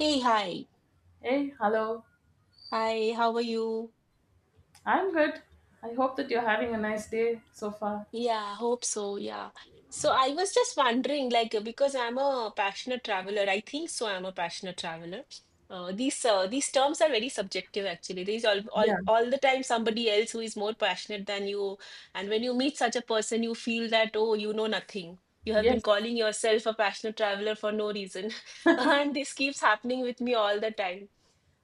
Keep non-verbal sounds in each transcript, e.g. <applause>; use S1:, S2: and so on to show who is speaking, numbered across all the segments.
S1: Hey, hi.
S2: Hey, hello.
S1: Hi, how are you?
S2: I'm good. I hope that you're having a nice day so far.
S1: Yeah, hope so. Yeah. So I was just wondering, because I'm a passionate traveler, I think so. I'm a passionate traveler. These terms are very subjective, actually. There's all, all
S2: Yeah,
S1: all the time somebody else who is more passionate than you, and when you meet such a person, you feel that oh, you know nothing. You have been
S2: yes,
S1: calling yourself a passionate traveler for no reason, <laughs> and this keeps happening with me all the time.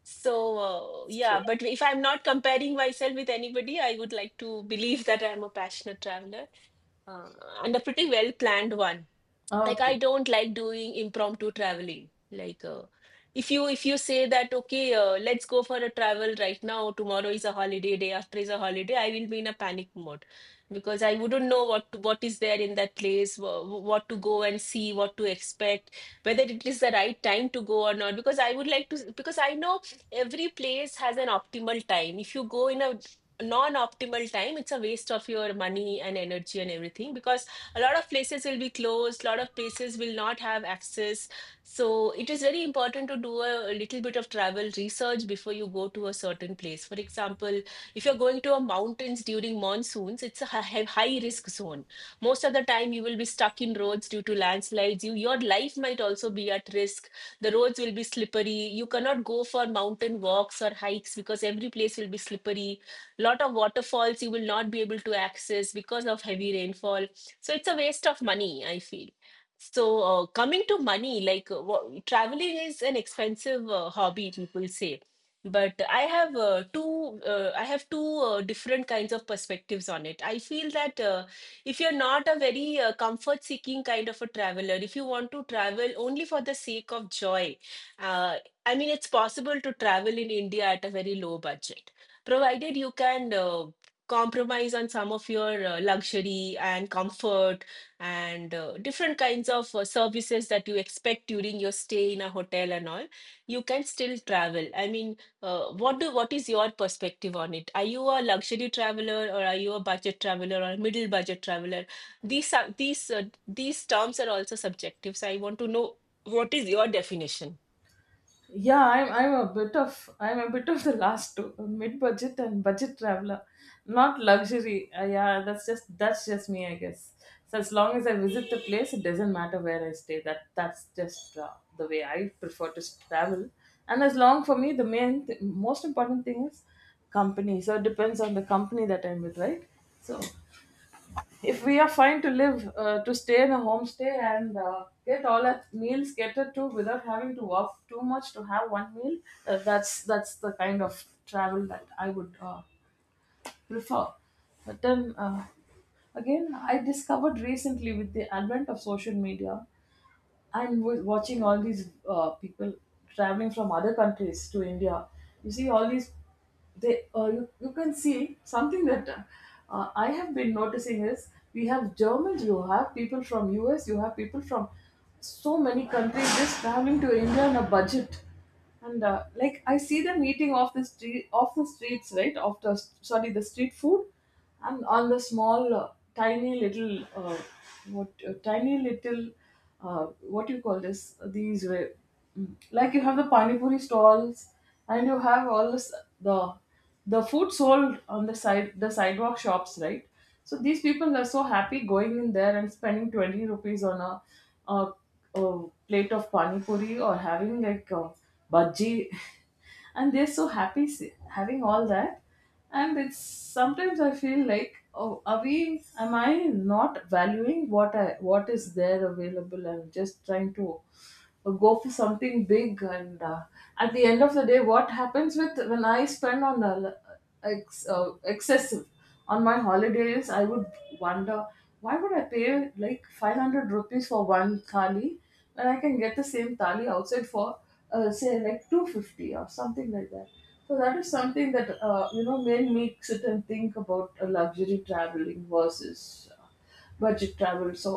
S2: it's
S1: Yeah,
S2: true.
S1: but if I'm not comparing myself with anybody, I would like to believe that I'm a passionate traveler uh, and a pretty well-planned one. Like, I
S2: Okay.
S1: don't like doing impromptu traveling. If you say that okay, let's go for a travel right now, tomorrow is a holiday, day after is a holiday, I will be in a panic mode, because I wouldn't know what is there in that place, what to go and see, what to expect, whether it is the right time to go or not. Because I would like to Because I know every place has an optimal time. If you go in a non-optimal time, it's a waste of your money and energy and everything, because a lot of places will be closed, a lot of places will not have access. So it is very important to do a little bit of travel research before you go to a certain place. For example, if you're going to a mountains during monsoons, it's a high, high risk zone. Most of the time, you will be stuck in roads due to landslides. Your life might also be at risk. The roads will be slippery. You cannot go for mountain walks or hikes because every place will be slippery. Lot of waterfalls you will not be able to access because of heavy rainfall, so it's a waste of money, I feel. Coming to money, traveling is an expensive hobby, people say. But I have two different kinds of perspectives on it. I feel that, if you're not a very comfort seeking kind of a traveler, if you want to travel only for the sake of joy, uh, I mean, it's possible to travel in India at a very low budget, provided you can compromise on some of your luxury and comfort, and different kinds of services that you expect during your stay in a hotel and all. You can still travel, I mean. What is your perspective on it? Are you a luxury traveler, or are you a budget traveler or middle budget traveler? These these terms are also subjective, so I want to know what is your definition.
S2: Yeah, I'm a bit of I'm a bit of the last two, mid-budget and budget traveler. Not luxury. Yeah, that's just me, I guess. So as long as I visit the place, it doesn't matter where I stay. That's just the way I prefer to travel. And as long for me, the main most important thing is company. So it depends on the company that I'm with, right? So if we are fine to live, to stay in a homestay and get all our meals catered to without having to walk too much to have one meal, that's the kind of travel that I would prefer. But then again, I discovered recently with the advent of social media and watching all these people traveling from other countries to India, you see all these. They you can see something that I have been noticing is we have Germans, you have people from US, you have people from so many countries just traveling to India on a budget, and like I see them eating off the street, off the streets, right? Off the sorry, the street food and on the small tiny little what tiny little uh, what you call this these were like you have the pani puri stalls and you have all this the the food sold on the side the sidewalk shops, right? So these people are so happy going in there and spending 20 rupees on a, a plate of pani puri or having like a bhaji <laughs> and they're so happy having all that. And it's sometimes I feel like, oh, are we am I not valuing what I what is there available and just trying to go for something big. And at the end of the day, what happens with when I spend on excessive on my holidays, I would wonder, why would I pay like 500 rupees for one thali when I can get the same thali outside for say like 250 or something like that. So that is something that, you know, may make sit and think about luxury traveling versus budget travel. So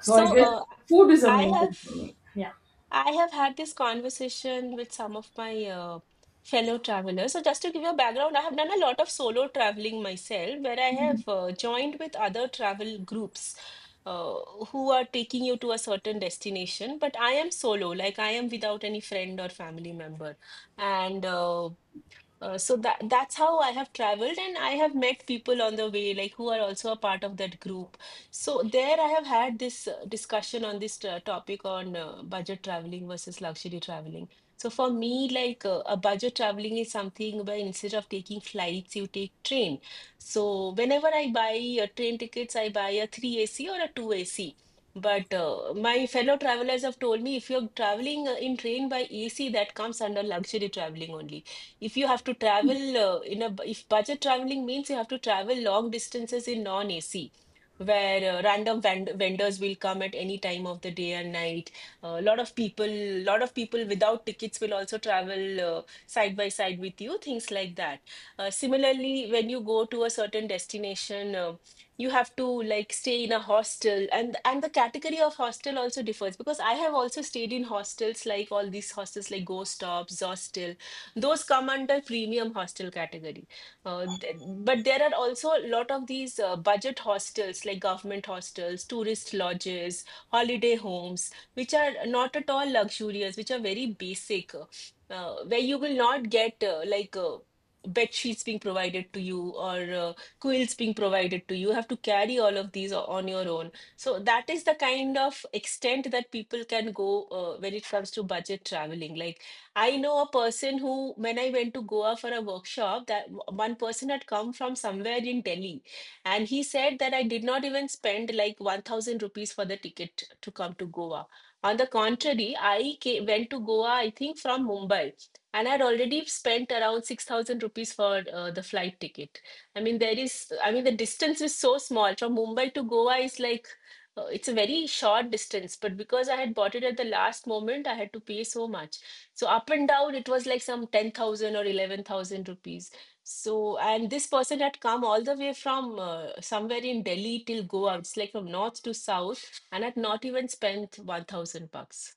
S2: so
S1: so
S2: I guess
S1: uh,
S2: food is a
S1: i
S2: main
S1: have
S2: thing for me. Yeah.
S1: I have had this conversation with some of my fellow travelers. So, just to give you a background, I have done a lot of solo traveling myself, where I have joined with other travel groups uh, who are taking you to a certain destination. But I am solo, like I am without any friend or family member. And that's how I have traveled, and I have met people on the way, like who are also a part of that group. So there, I have had this discussion on this topic on budget traveling versus luxury traveling. So for me, a budget traveling is something where instead of taking flights, you take train. So whenever I buy train tickets, I buy a three AC or a two AC. But my fellow travelers have told me, if you're traveling in train by AC, that comes under luxury traveling only. If you have to travel in a If budget traveling means you have to travel long distances in non-AC, where random vendors will come at any time of the day and night, a lot of people, lot of people without tickets will also travel side by side with you, things like that. Similarly, when you go to a certain destination, you have to like stay in a hostel, and the category of hostel also differs, because I have also stayed in hostels, like all these hostels like Ghost Tops, Zostel, those come under premium hostel category. But there are also a lot of these budget hostels like government hostels, tourist lodges, holiday homes, which are not at all luxurious, which are very basic, where you will not get bed sheets being provided to you, or quilts being provided to you. You have to carry all of these on your own. So that is the kind of extent that people can go when it comes to budget traveling. Like, I know a person who, when I went to Goa for a workshop, one person had come from somewhere in Delhi, and he said that I did not even spend like 1000 rupees for the ticket to come to Goa. On the contrary, I came, went to Goa, I think from Mumbai, and I had already spent around 6000 rupees for the flight ticket. I mean, the distance is so small. From Mumbai to Goa is like, it's a very short distance, but because I had bought it at the last moment, I had to pay so much. So up and down, it was like some 10,000 or 11,000 rupees. So, and this person had come all the way from somewhere in Delhi till Goa. It's like from north to south and had not even spent 1,000 bucks.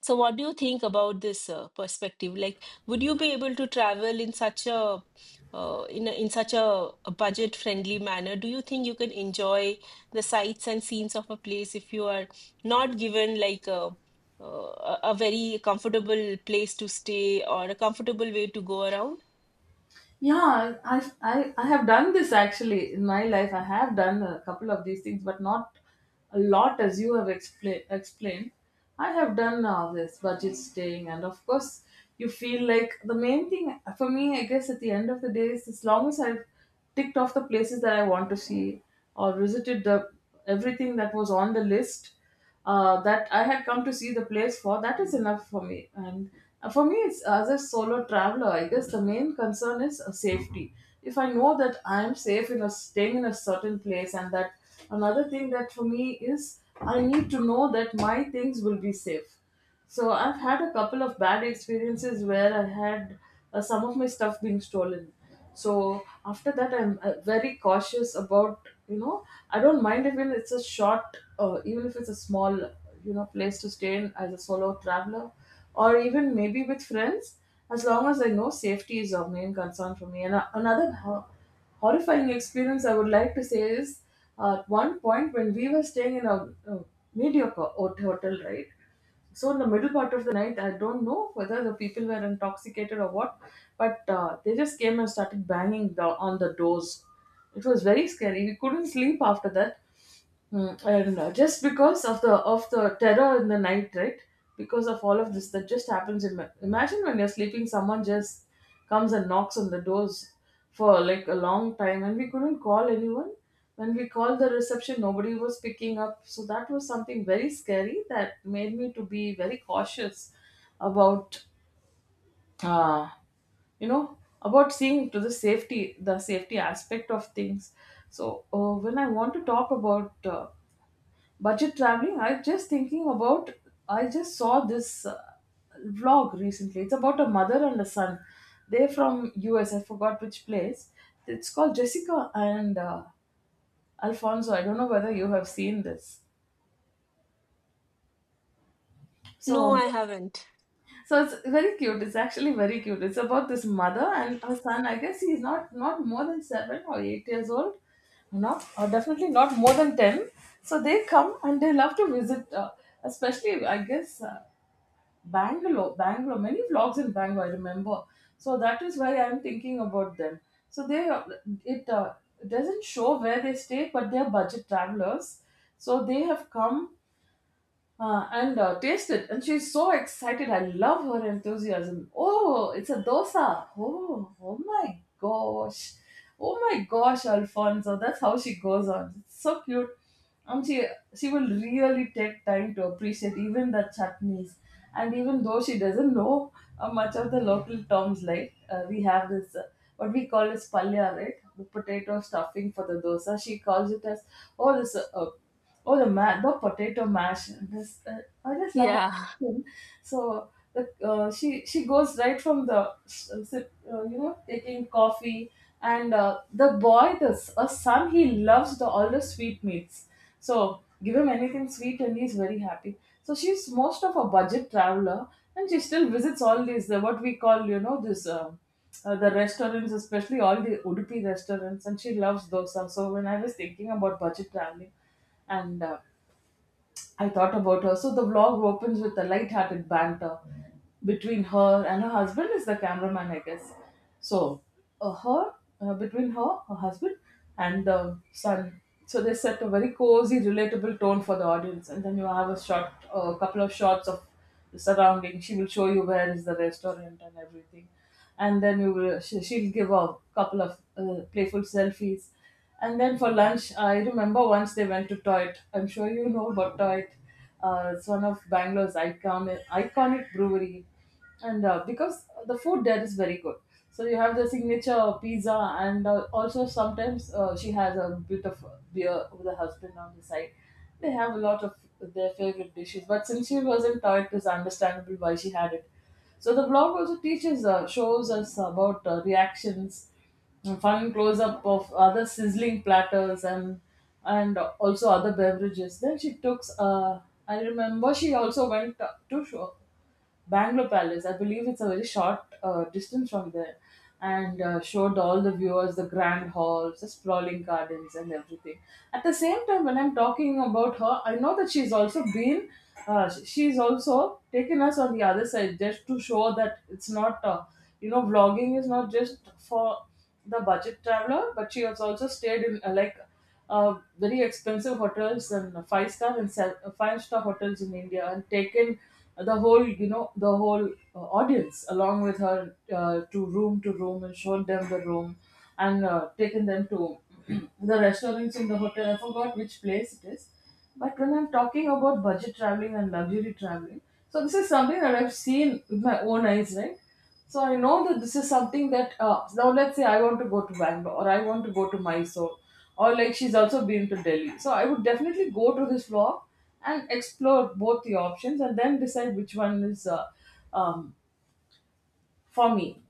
S1: So, what do you think about this perspective? Like, would you be able to travel in such a in a budget-friendly manner? Do you think you can enjoy the sights and scenes of a place if you are not given like a a very comfortable place to stay, or a comfortable way to go around?
S2: Yeah, I have done this actually in my life. I have done a couple of these things, but not a lot as you have explained. I have done all this budget staying and of course you feel like the main thing for me, I guess at the end of the day, is as long as I've ticked off the places that I want to see or visited the everything that was on the list that I had come to see the place for, that is enough for me. And for me, it's as a solo traveler, I guess the main concern is safety. If I know that I am safe in a staying in a certain place, and that another thing that for me is I need to know that my things will be safe. So I've had a couple of bad experiences where I had some of my stuff being stolen. So after that, I'm very cautious about, you know, I don't mind even it's a short, even if it's a small, you know, place to stay in as a solo traveler, or even maybe with friends, as long as I know safety is of main concern for me. And horrifying experience I would like to say is, at one point when we were staying in a mediocre hotel, right? So in the middle part of the night, I don't know whether the people were intoxicated or what, but they just came and started banging on the doors. It was very scary. We couldn't sleep after that. Mm, I don't know. Just because of the terror in the night, right? Because of all of this that just happens. Imagine when you're sleeping, someone just comes and knocks on the doors for like a long time, and we couldn't call anyone. When we called the reception, nobody was picking up. So that was something very scary that made me to be very cautious about, uh, you know, about seeing to the safety aspect of things. So when I want to talk about budget traveling, I just thinking about I just saw this vlog recently. It's about a mother and a son. They're from US, I forgot which place. It's called Jessica and Alfonso. I don't know whether you have seen this. So
S1: No, I haven't.
S2: so it's very cute. It's actually very cute. It's about this mother and her son. I guess he's not more than seven or eight years old, not or definitely not more than ten. So they come and they love to visit, especially I guess, Bangalore, many vlogs in Bangalore, I remember. So that is why I'm thinking about them. So they, it doesn't show where they stay, but they're budget travelers. So they have come and taste it. And she's so excited. I love her enthusiasm. Oh, it's a dosa. Oh, oh my gosh. Oh my gosh, Alfonso. That's how she goes on. It's so cute. And she will really take time to appreciate even the chutneys. And even though she doesn't know much of the local terms, like we have this what we call as palya, right? The potato stuffing for the dosa. She calls it as oh this oh, the potato mash. This I just love her
S1: Yeah.
S2: cooking. So the she goes right from you know, taking coffee and the boy this a son, he loves the all the sweet meats. So give him anything sweet and he's very happy. So she's most of a budget traveler and she still visits all these, what we call, you know, this. The restaurants, especially all the Udupi restaurants, and she loves dosa. So when I was thinking about budget traveling, and I thought about her. So the vlog opens with a light-hearted banter between her and her husband is the cameraman, I guess. So her between her, her husband, and the son. So they set a very cozy, relatable tone for the audience, and then you have a shot, a couple of shots of the surrounding. She will show you where is the restaurant and everything, and then she'll give a couple of playful selfies. And then for lunch, I remember once they went to Toit. I'm sure you know about Toit. It's one of Bangalore's iconic, iconic brewery. And because the food there is very good. So you have the signature pizza and also sometimes she has a bit of beer with her husband on the side. They have a lot of their favorite dishes. But since she was in Toit, it's understandable why she had it. So the blog also teaches, shows us about reactions, a fun close up of other sizzling platters and also other beverages. Then she took. I remember she also went to show Bangalore Palace. I believe it's a very short distance from there, and showed all the viewers the grand halls, the sprawling gardens, and everything. At the same time, when I'm talking about her, I know that she's also been. She's also taken us on the other side just to show that it's not. You know, vlogging is not just for the budget traveler, but she has also stayed in very expensive hotels and five-star hotels in India and taken the whole, you know, the whole audience along with her to room and shown them the room and taken them to <clears throat> the restaurants in the hotel. I forgot which place it is. But when I'm talking about budget traveling and luxury traveling, so this is something that I've seen with my own eyes, right? So I know that this is something that, now let's say I want to go to Bangalore or I want to go to Mysore or like she's also been to Delhi. So I would definitely go to this vlog and explore both the options and then decide which one is um, for me.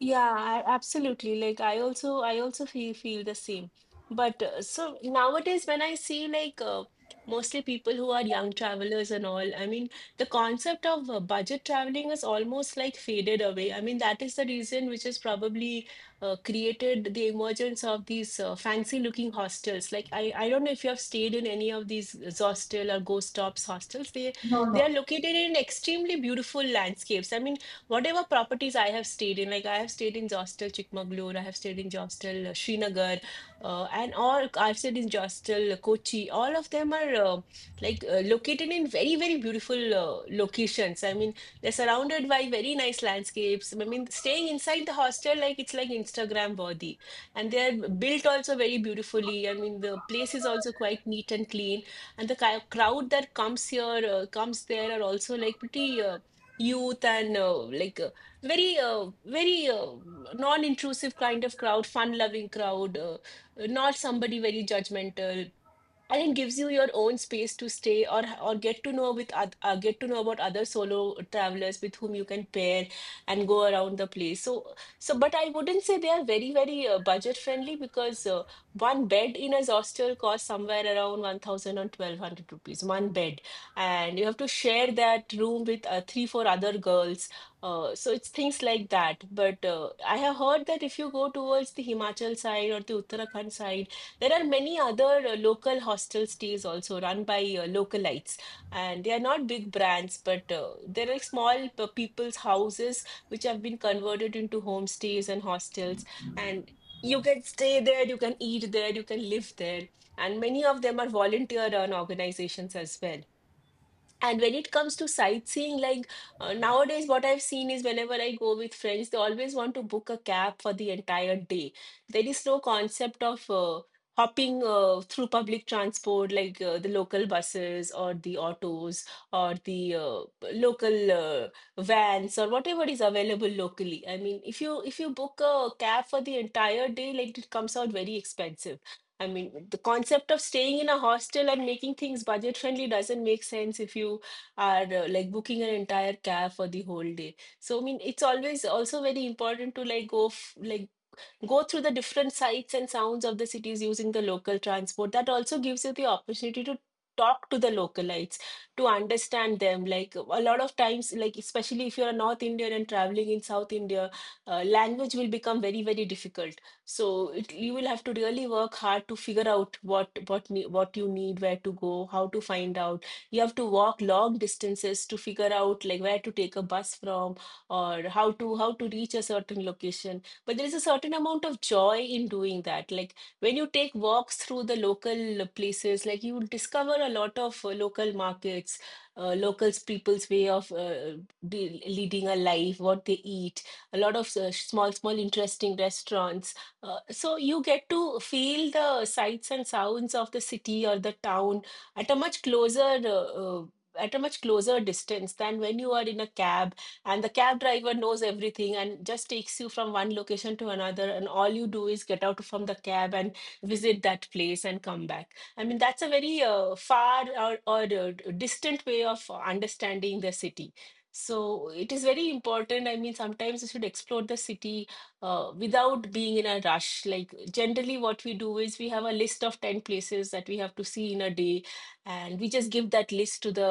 S1: Yeah, I, absolutely. Like, I also feel the same. But so nowadays when I see mostly people who are young travelers and all, I mean the concept of budget traveling is almost like faded away. I mean that is the reason which has probably created the emergence of these fancy looking hostels. Like, I don't know if you have stayed in any of these hostel or ghost tops hostels. They
S2: No,
S1: they are
S2: no.
S1: located in extremely beautiful landscapes. I mean, whatever properties I have stayed in, like I have stayed in Jostel, Chikmagalur, I have stayed in Jostel, Srinagar, and all I've stayed in Jostel, Kochi. All of them are located in very, very beautiful locations. I mean, they're surrounded by very nice landscapes. I mean, staying inside the hostel, like it's like Instagram worthy, and they're built also very beautifully. I mean, the place is also quite neat and clean, and the crowd that comes there, are also like pretty. Youth, and very, non-intrusive kind of crowd, fun-loving crowd, not somebody very judgmental, and it gives you your own space to stay, or get to know with get to know about other solo travelers with whom you can pair and go around the place. But I wouldn't say they are very, very budget friendly, because one bed in a hostel costs somewhere around 1000 or 1200 rupees, one bed, and you have to share that room with 3 4 other girls. So it's things like that. But I have heard that if you go towards the Himachal side or the Uttarakhand side, there are many other local hostel stays also run by localites, and they are not big brands, but there are small people's houses which have been converted into homestays and hostels, and you can stay there, you can eat there, you can live there, and many of them are volunteer-run organizations as well. And when it comes to sightseeing, like nowadays, what I've seen is whenever I go with friends, they always want to book a cab for the entire day. There is no concept of hopping through public transport, like the local buses or the autos or the local vans or whatever is available locally. I mean, if you book a cab for the entire day, like, it comes out very expensive. I mean, the concept of staying in a hostel and making things budget friendly doesn't make sense if you are like booking an entire cab for the whole day. So, I mean, it's always also very important to like go through the different sights and sounds of the cities using the local transport. That also gives you the opportunity to talk to the localites to understand them. Like a lot of times, like especially if you're a north indian and traveling in south india, language will become very difficult. So it, you will have to really work hard to figure out what you need, where to go, how to find out. You have to walk long distances to figure out like where to take a bus from or how to reach a certain location. But there is a certain amount of joy in doing that. Like when you take walks through the local places, like you discover a lot of local markets, locals people's way of leading a life, what they eat, a lot of small small interesting restaurants. So you get to feel the sights and sounds of the city or the town at a much closer distance than when you are in a cab. And the cab driver knows everything and just takes you from one location to another, and all you do is get out from the cab and visit that place and come back. I mean, that's a very far or distant way of understanding the city. So it is very important. I mean, sometimes you should explore the city without being in a rush. Like generally what we do is we have a list of 10 places that we have to see in a day, and we just give that list to the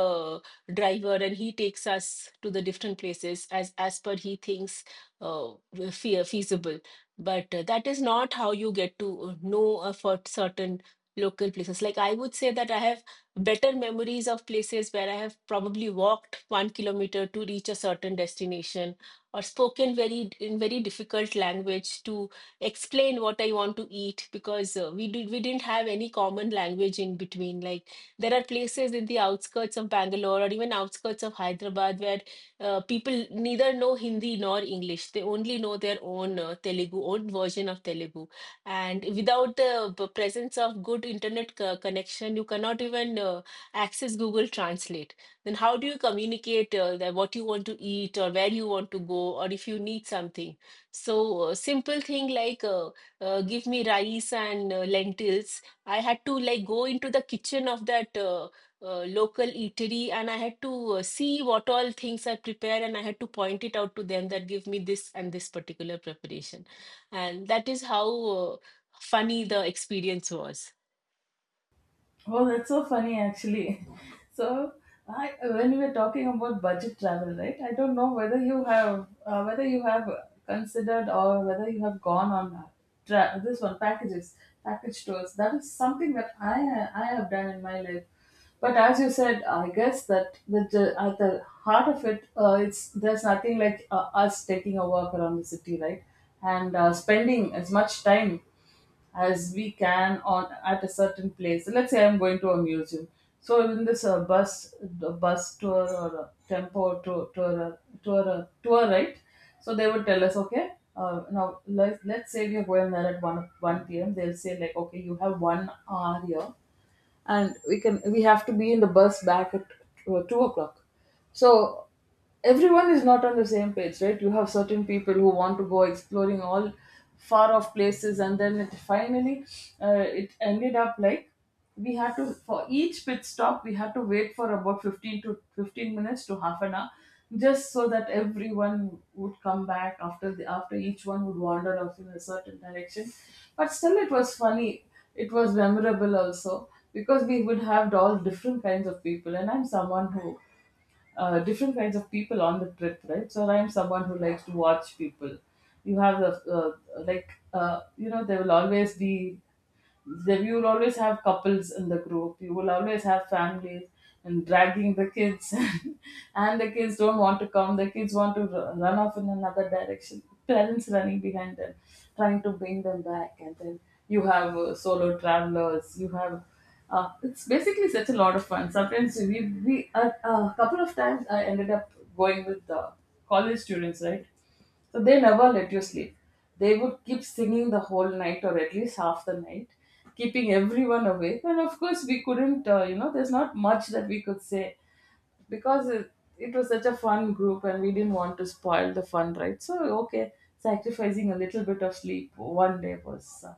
S1: driver, and he takes us to the different places as per he thinks will feasible. But that is not how you get to know for certain local places. Like I would say that I have better memories of places where I have probably walked 1 kilometer to reach a certain destination, or spoken very in very difficult language to explain what I want to eat, because we didn't have any common language in between. Like there are places in the outskirts of Bangalore or even outskirts of Hyderabad where people neither know Hindi nor English. They only know their own Telugu, own version of Telugu. And without the presence of good internet connection, you cannot even access Google Translate. Then how do you communicate that what you want to eat or where you want to go or if you need something? So simple thing like give me rice and lentils, I had to like go into the kitchen of that local eatery, and I had to see what all things are prepared, and I had to point it out to them that give me this and this particular preparation. And that is how funny the experience was.
S2: Oh, that's so funny actually. <laughs> So, when we were talking about budget travel, right? I don't know whether you have considered or whether you have gone on this one package tours. That is something that I have done in my life. But as you said, I guess that the at the heart of it, it's there's nothing like us taking a walk around the city, right, and spending as much time as we can on at a certain place. So let's say I'm going to a museum. So in this bus the bus tour or a tempo tour, right? So they would tell us, okay. Now let's say we are going there at one p.m. They'll say like, okay, you have 1 hour here, and we have to be in the bus back at 2 o'clock. So everyone is not on the same page, right? You have certain people who want to go exploring all far off places, and then it ended up like we had to, for each pit stop, we had to wait for about 15 to 15 minutes to half an hour, just so that everyone would come back after the after each one would wander off in a certain direction. But still, it was funny. It was memorable also because we would have all different kinds of people, and I'm someone who, different kinds of people on the trip, right? So I'm someone who likes to watch people. You have the, like, there will always be, there you will always have couples in the group. You will always have families and dragging the kids, <laughs> and the kids don't want to come. The kids want to run off in another direction. Parents running behind them, trying to bring them back, and then you have solo travelers. You have it's basically such a lot of fun. Sometimes a couple of times I ended up going with the college students, right? So they never let you sleep. They would keep singing the whole night, or at least half the night, keeping everyone awake. And of course, we couldn't, there's not much that we could say because it was such a fun group, and we didn't want to spoil the fun, right? So, okay, sacrificing a little bit of sleep one day was,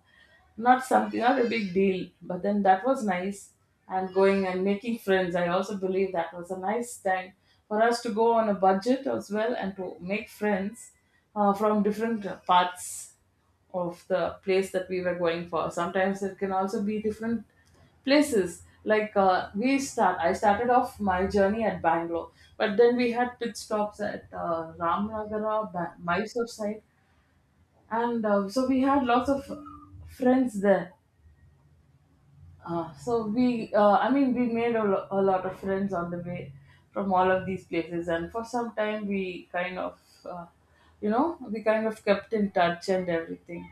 S2: not something, not a big deal. But then, that was nice, and going and making friends, I also believe that was a nice time for us to go on a budget as well, and to make friends from different parts of the place that we were going for. Sometimes it can also be different places. Like, I started off my journey at Bangalore, but then we had pit stops at Ramnagara, Mysore side, and so we had lots of friends there. I mean, we made a lot of friends on the way from all of these places, and for some time we kind of, uh, you know, we kind of kept in touch and everything.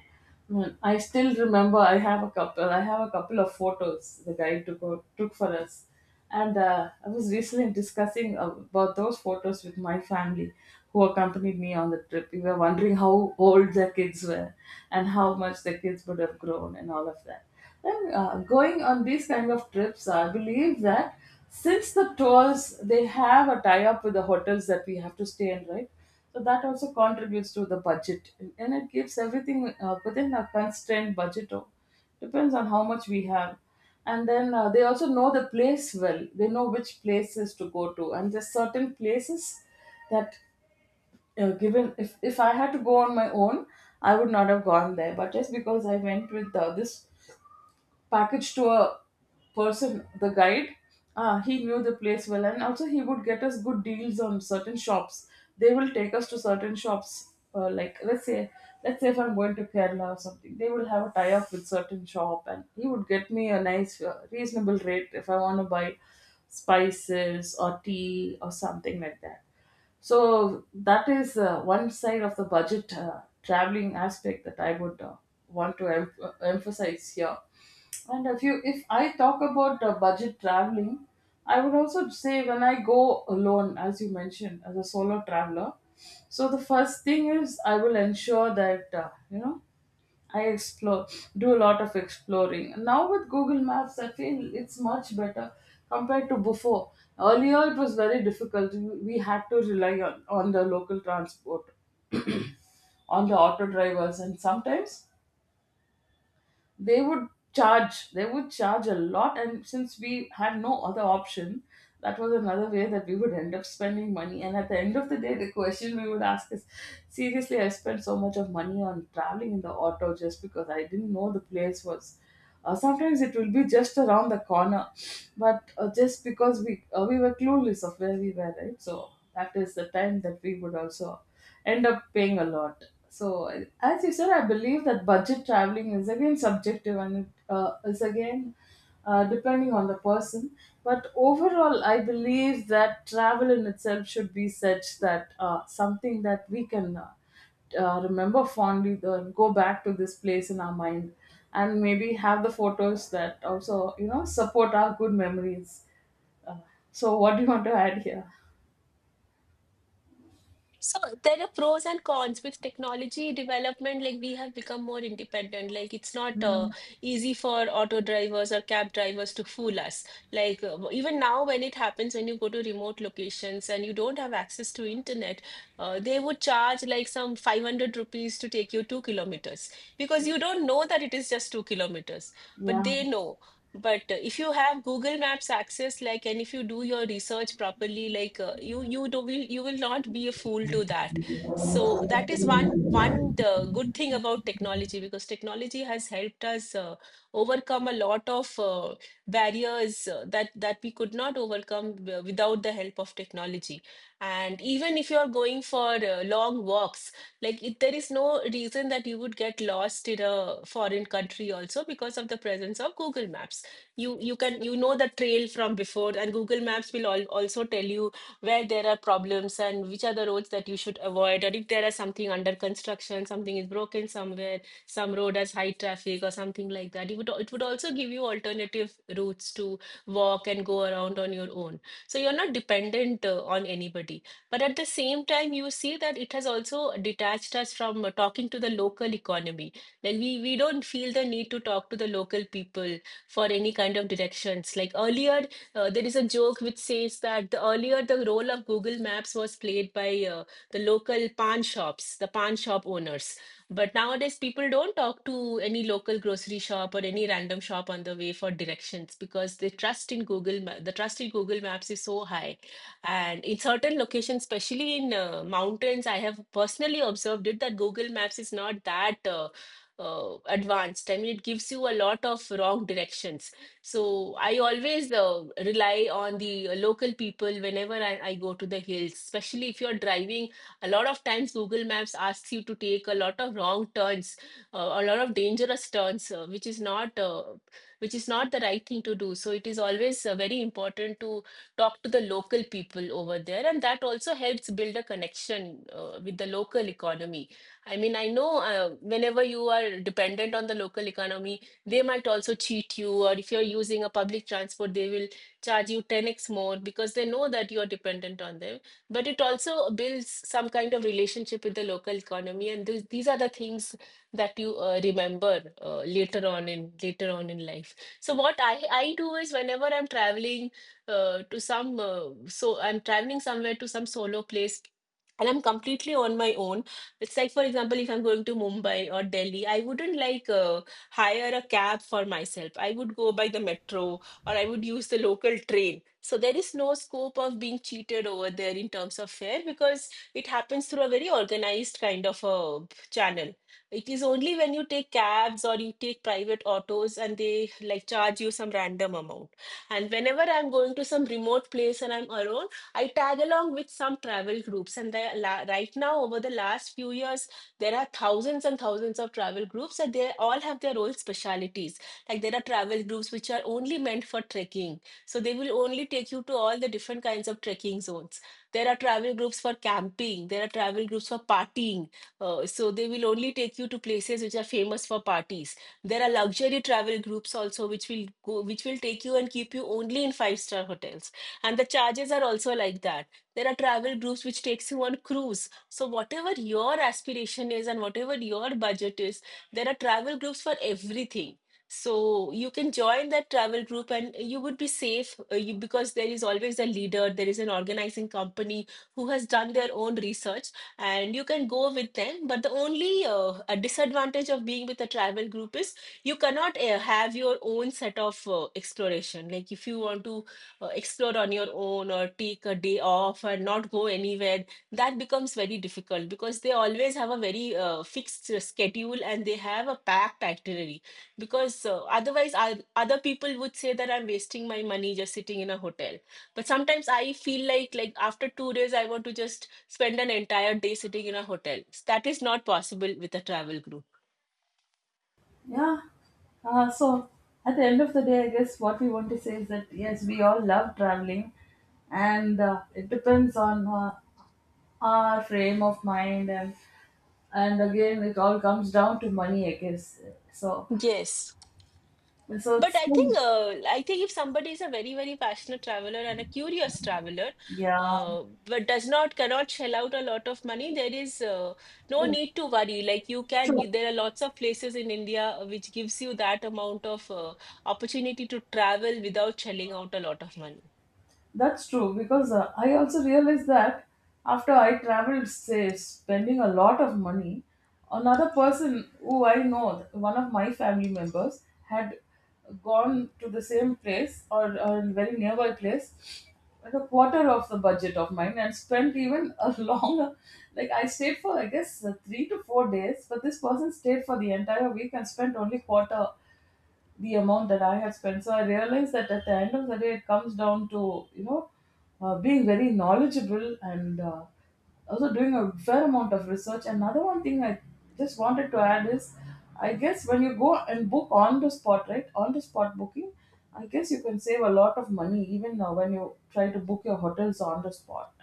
S2: I still remember. I have a couple. I have a couple of photos the guy took took for us, and I was recently discussing about those photos with my family, who accompanied me on the trip. We were wondering how old their kids were, and how much their kids would have grown, and all of that. And going on these kind of trips, I believe that since the tours, they have a tie-up with the hotels that we have to stay in, right? So that also contributes to the budget, and it keeps everything within a constrained budget. Oh, depends on how much we have, and then they also know the place well. They know which places to go to, and there's certain places that, given, if I had to go on my own, I would not have gone there. But just because I went with, this package, to a person, the guide. He knew the place well, and also he would get us good deals on certain shops. They will take us to certain shops. Let's say if I'm going to Kerala or something, they will have a tie-up with certain shop, and he would get me a nice, reasonable rate if I want to buy spices or tea or something like that. So that is one side of the budget traveling aspect that I would want to emphasize here. And if I talk about budget traveling, I would also say, when I go alone, as you mentioned, as a solo traveler. So the first thing is I will ensure that, I explore, do a lot of exploring. Now, with Google Maps, I feel it's much better compared to before. Earlier it was very difficult. We had to rely on the local transport, on the auto drivers, and sometimes they would they would charge a lot, and since we had no other option, that was another way that we would end up spending money. And at the end of the day, the question we would ask is, seriously, I spent so much of money on traveling in the auto just because I didn't know the place. Was Sometimes it will be just around the corner, but just because we were clueless of where we were, right? So that is the time that we would also end up paying a lot. So, as you said, I believe that budget traveling is again subjective, and it, is, again, depending on the person. But overall, I believe that travel in itself should be such that, something that we can, remember fondly, go back to this place in our mind, and maybe have the photos that also support our good memories. Uh, so, what do you want to add here?
S1: So there are pros and cons with technology development. Like we have become more independent. Like it's not easy for auto drivers or cab drivers to fool us. Like even now, when it happens, when you go to remote locations and you don't have access to internet, they would charge like some 500 rupees to take you 2 kilometers, because you don't know that it is just 2 kilometers, but
S2: Yeah.
S1: they know. But if you have Google Maps access, like, and if you do your research properly, like, you you do will you will not be a fool to that. So that is one good thing about technology, because technology has helped us overcome a lot of barriers that we could not overcome without the help of technology. And even if you are going for long walks, like, it, there is no reason that you would get lost in a foreign country also, because of the presence of Google Maps. You can you know the trail from before, and Google Maps will al also tell you where there are problems and which are the roads that you should avoid, or if there is something under construction, something is broken somewhere, some road has high traffic or something like that. It would also give you alternative routes to walk and go around on your own. So you're not dependent on anybody. But at the same time, you see that it has also detached us from talking to the local economy. Like we don't feel the need to talk to the local people for any kind of directions. Like earlier, there is a joke which says that the earlier the role of Google Maps was played by the local pan shops, the pan shop owners. But nowadays, people don't talk to any local grocery shop or any random shop on the way for directions, because they trust in Google. The trust in Google Maps is so high, and in certain locations, especially in mountains, I have personally observed it that Google Maps is not that advanced. I mean, it gives you a lot of wrong directions. So I always rely on the local people whenever I go to the hills, especially if you're driving. A lot of times, Google Maps asks you to take a lot of wrong turns, a lot of dangerous turns, which is not the right thing to do. So it is always very important to talk to the local people over there, and that also helps build a connection with the local economy. I mean, I know whenever you are dependent on the local economy, they might also cheat you, or if you're using a public transport, they will charge you 10x more because they know that you're dependent on them. But it also builds some kind of relationship with the local economy, and th these are the things that you remember later on in life. So what I do is whenever I'm traveling to some so I'm traveling somewhere to some solo place. And I'm completely on my own. It's like, for example, if I'm going to Mumbai or Delhi, I wouldn't like hire a cab for myself. I would go by the metro, or I would use the local train. So there is no scope of being cheated over there in terms of fare, because it happens through a very organized kind of a channel. It is only when you take cabs or you take private autos and they like charge you some random amount. And whenever I'm going to some remote place and I'm alone, I tag along with some travel groups, and there, right now, over the last few years, there are thousands and thousands of travel groups, and they all have their own specialities. Like there are travel groups which are only meant for trekking, so they will only take you to all the different kinds of trekking zones. There are travel groups for camping. There are travel groups for partying. So they will only take you to places which are famous for parties. There are luxury travel groups also, which will go, which will take you and keep you only in five-star hotels, and the charges are also like that. There are travel groups which takes you on cruise. So whatever your aspiration is and whatever your budget is, there are travel groups for everything. So you can join that travel group and you would be safe, because there is always a leader, there is an organizing company who has done their own research, and you can go with them. But the only a disadvantage of being with a travel group is you cannot have your own set of exploration. Like if you want to explore on your own or take a day off and not go anywhere, that becomes very difficult, because they always have a very fixed schedule and they have a packed itinerary. Because otherwise, other people would say that I'm wasting my money just sitting in a hotel. But sometimes I feel like after 2 days, I want to just spend an entire day sitting in a hotel. That is not possible with a travel group.
S2: Yeah. So, at the end of the day, I guess what we want to say is that, yes, we all love traveling, and, it depends on our frame of mind, and again, it all comes down to money, I guess. So,
S1: Yes.
S2: so
S1: But
S2: it's
S1: I think if somebody is a very passionate traveler and a curious traveler,
S2: yeah,
S1: but does not cannot shell out a lot of money, there is no
S2: it's
S1: need to worry. Like you can, you,
S2: true.
S1: there are lots of places in India which gives you that amount of opportunity to travel without shelling out a lot of money.
S2: That's true, because I also realized that after I traveled, say, spending a lot of money, another person who I know, one of my family members, had gone to the same place, or a very nearby place, at a quarter of the budget of mine, and spent even a <laughs> longer. Like, I stayed for, I guess, 3 to 4 days, but this person stayed for the entire week and spent only quarter the amount that I had spent. So I realized that at the end of the day, it comes down to being very knowledgeable, and also doing a fair amount of research. Another one thing I just wanted to add is, I guess when you go and book on the spot, right, on the spot booking, I guess you can save a lot of money, even when you try to book your hotels on the spot.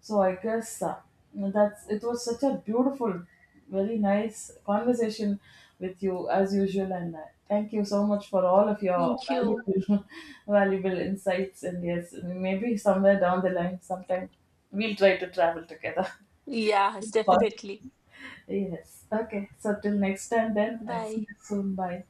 S2: So I guess, that's it was such a beautiful, very nice conversation with you, as usual, and thank you so much for all of your
S1: Thank you.
S2: valuable, <laughs> valuable insights. And yes, maybe somewhere down the line, sometime we'll try to travel together.
S1: Yes,
S2: <laughs> Fun.
S1: definitely.
S2: Yes. Okay. So till next time, then. I'll see
S1: Bye.
S2: you soon. Bye.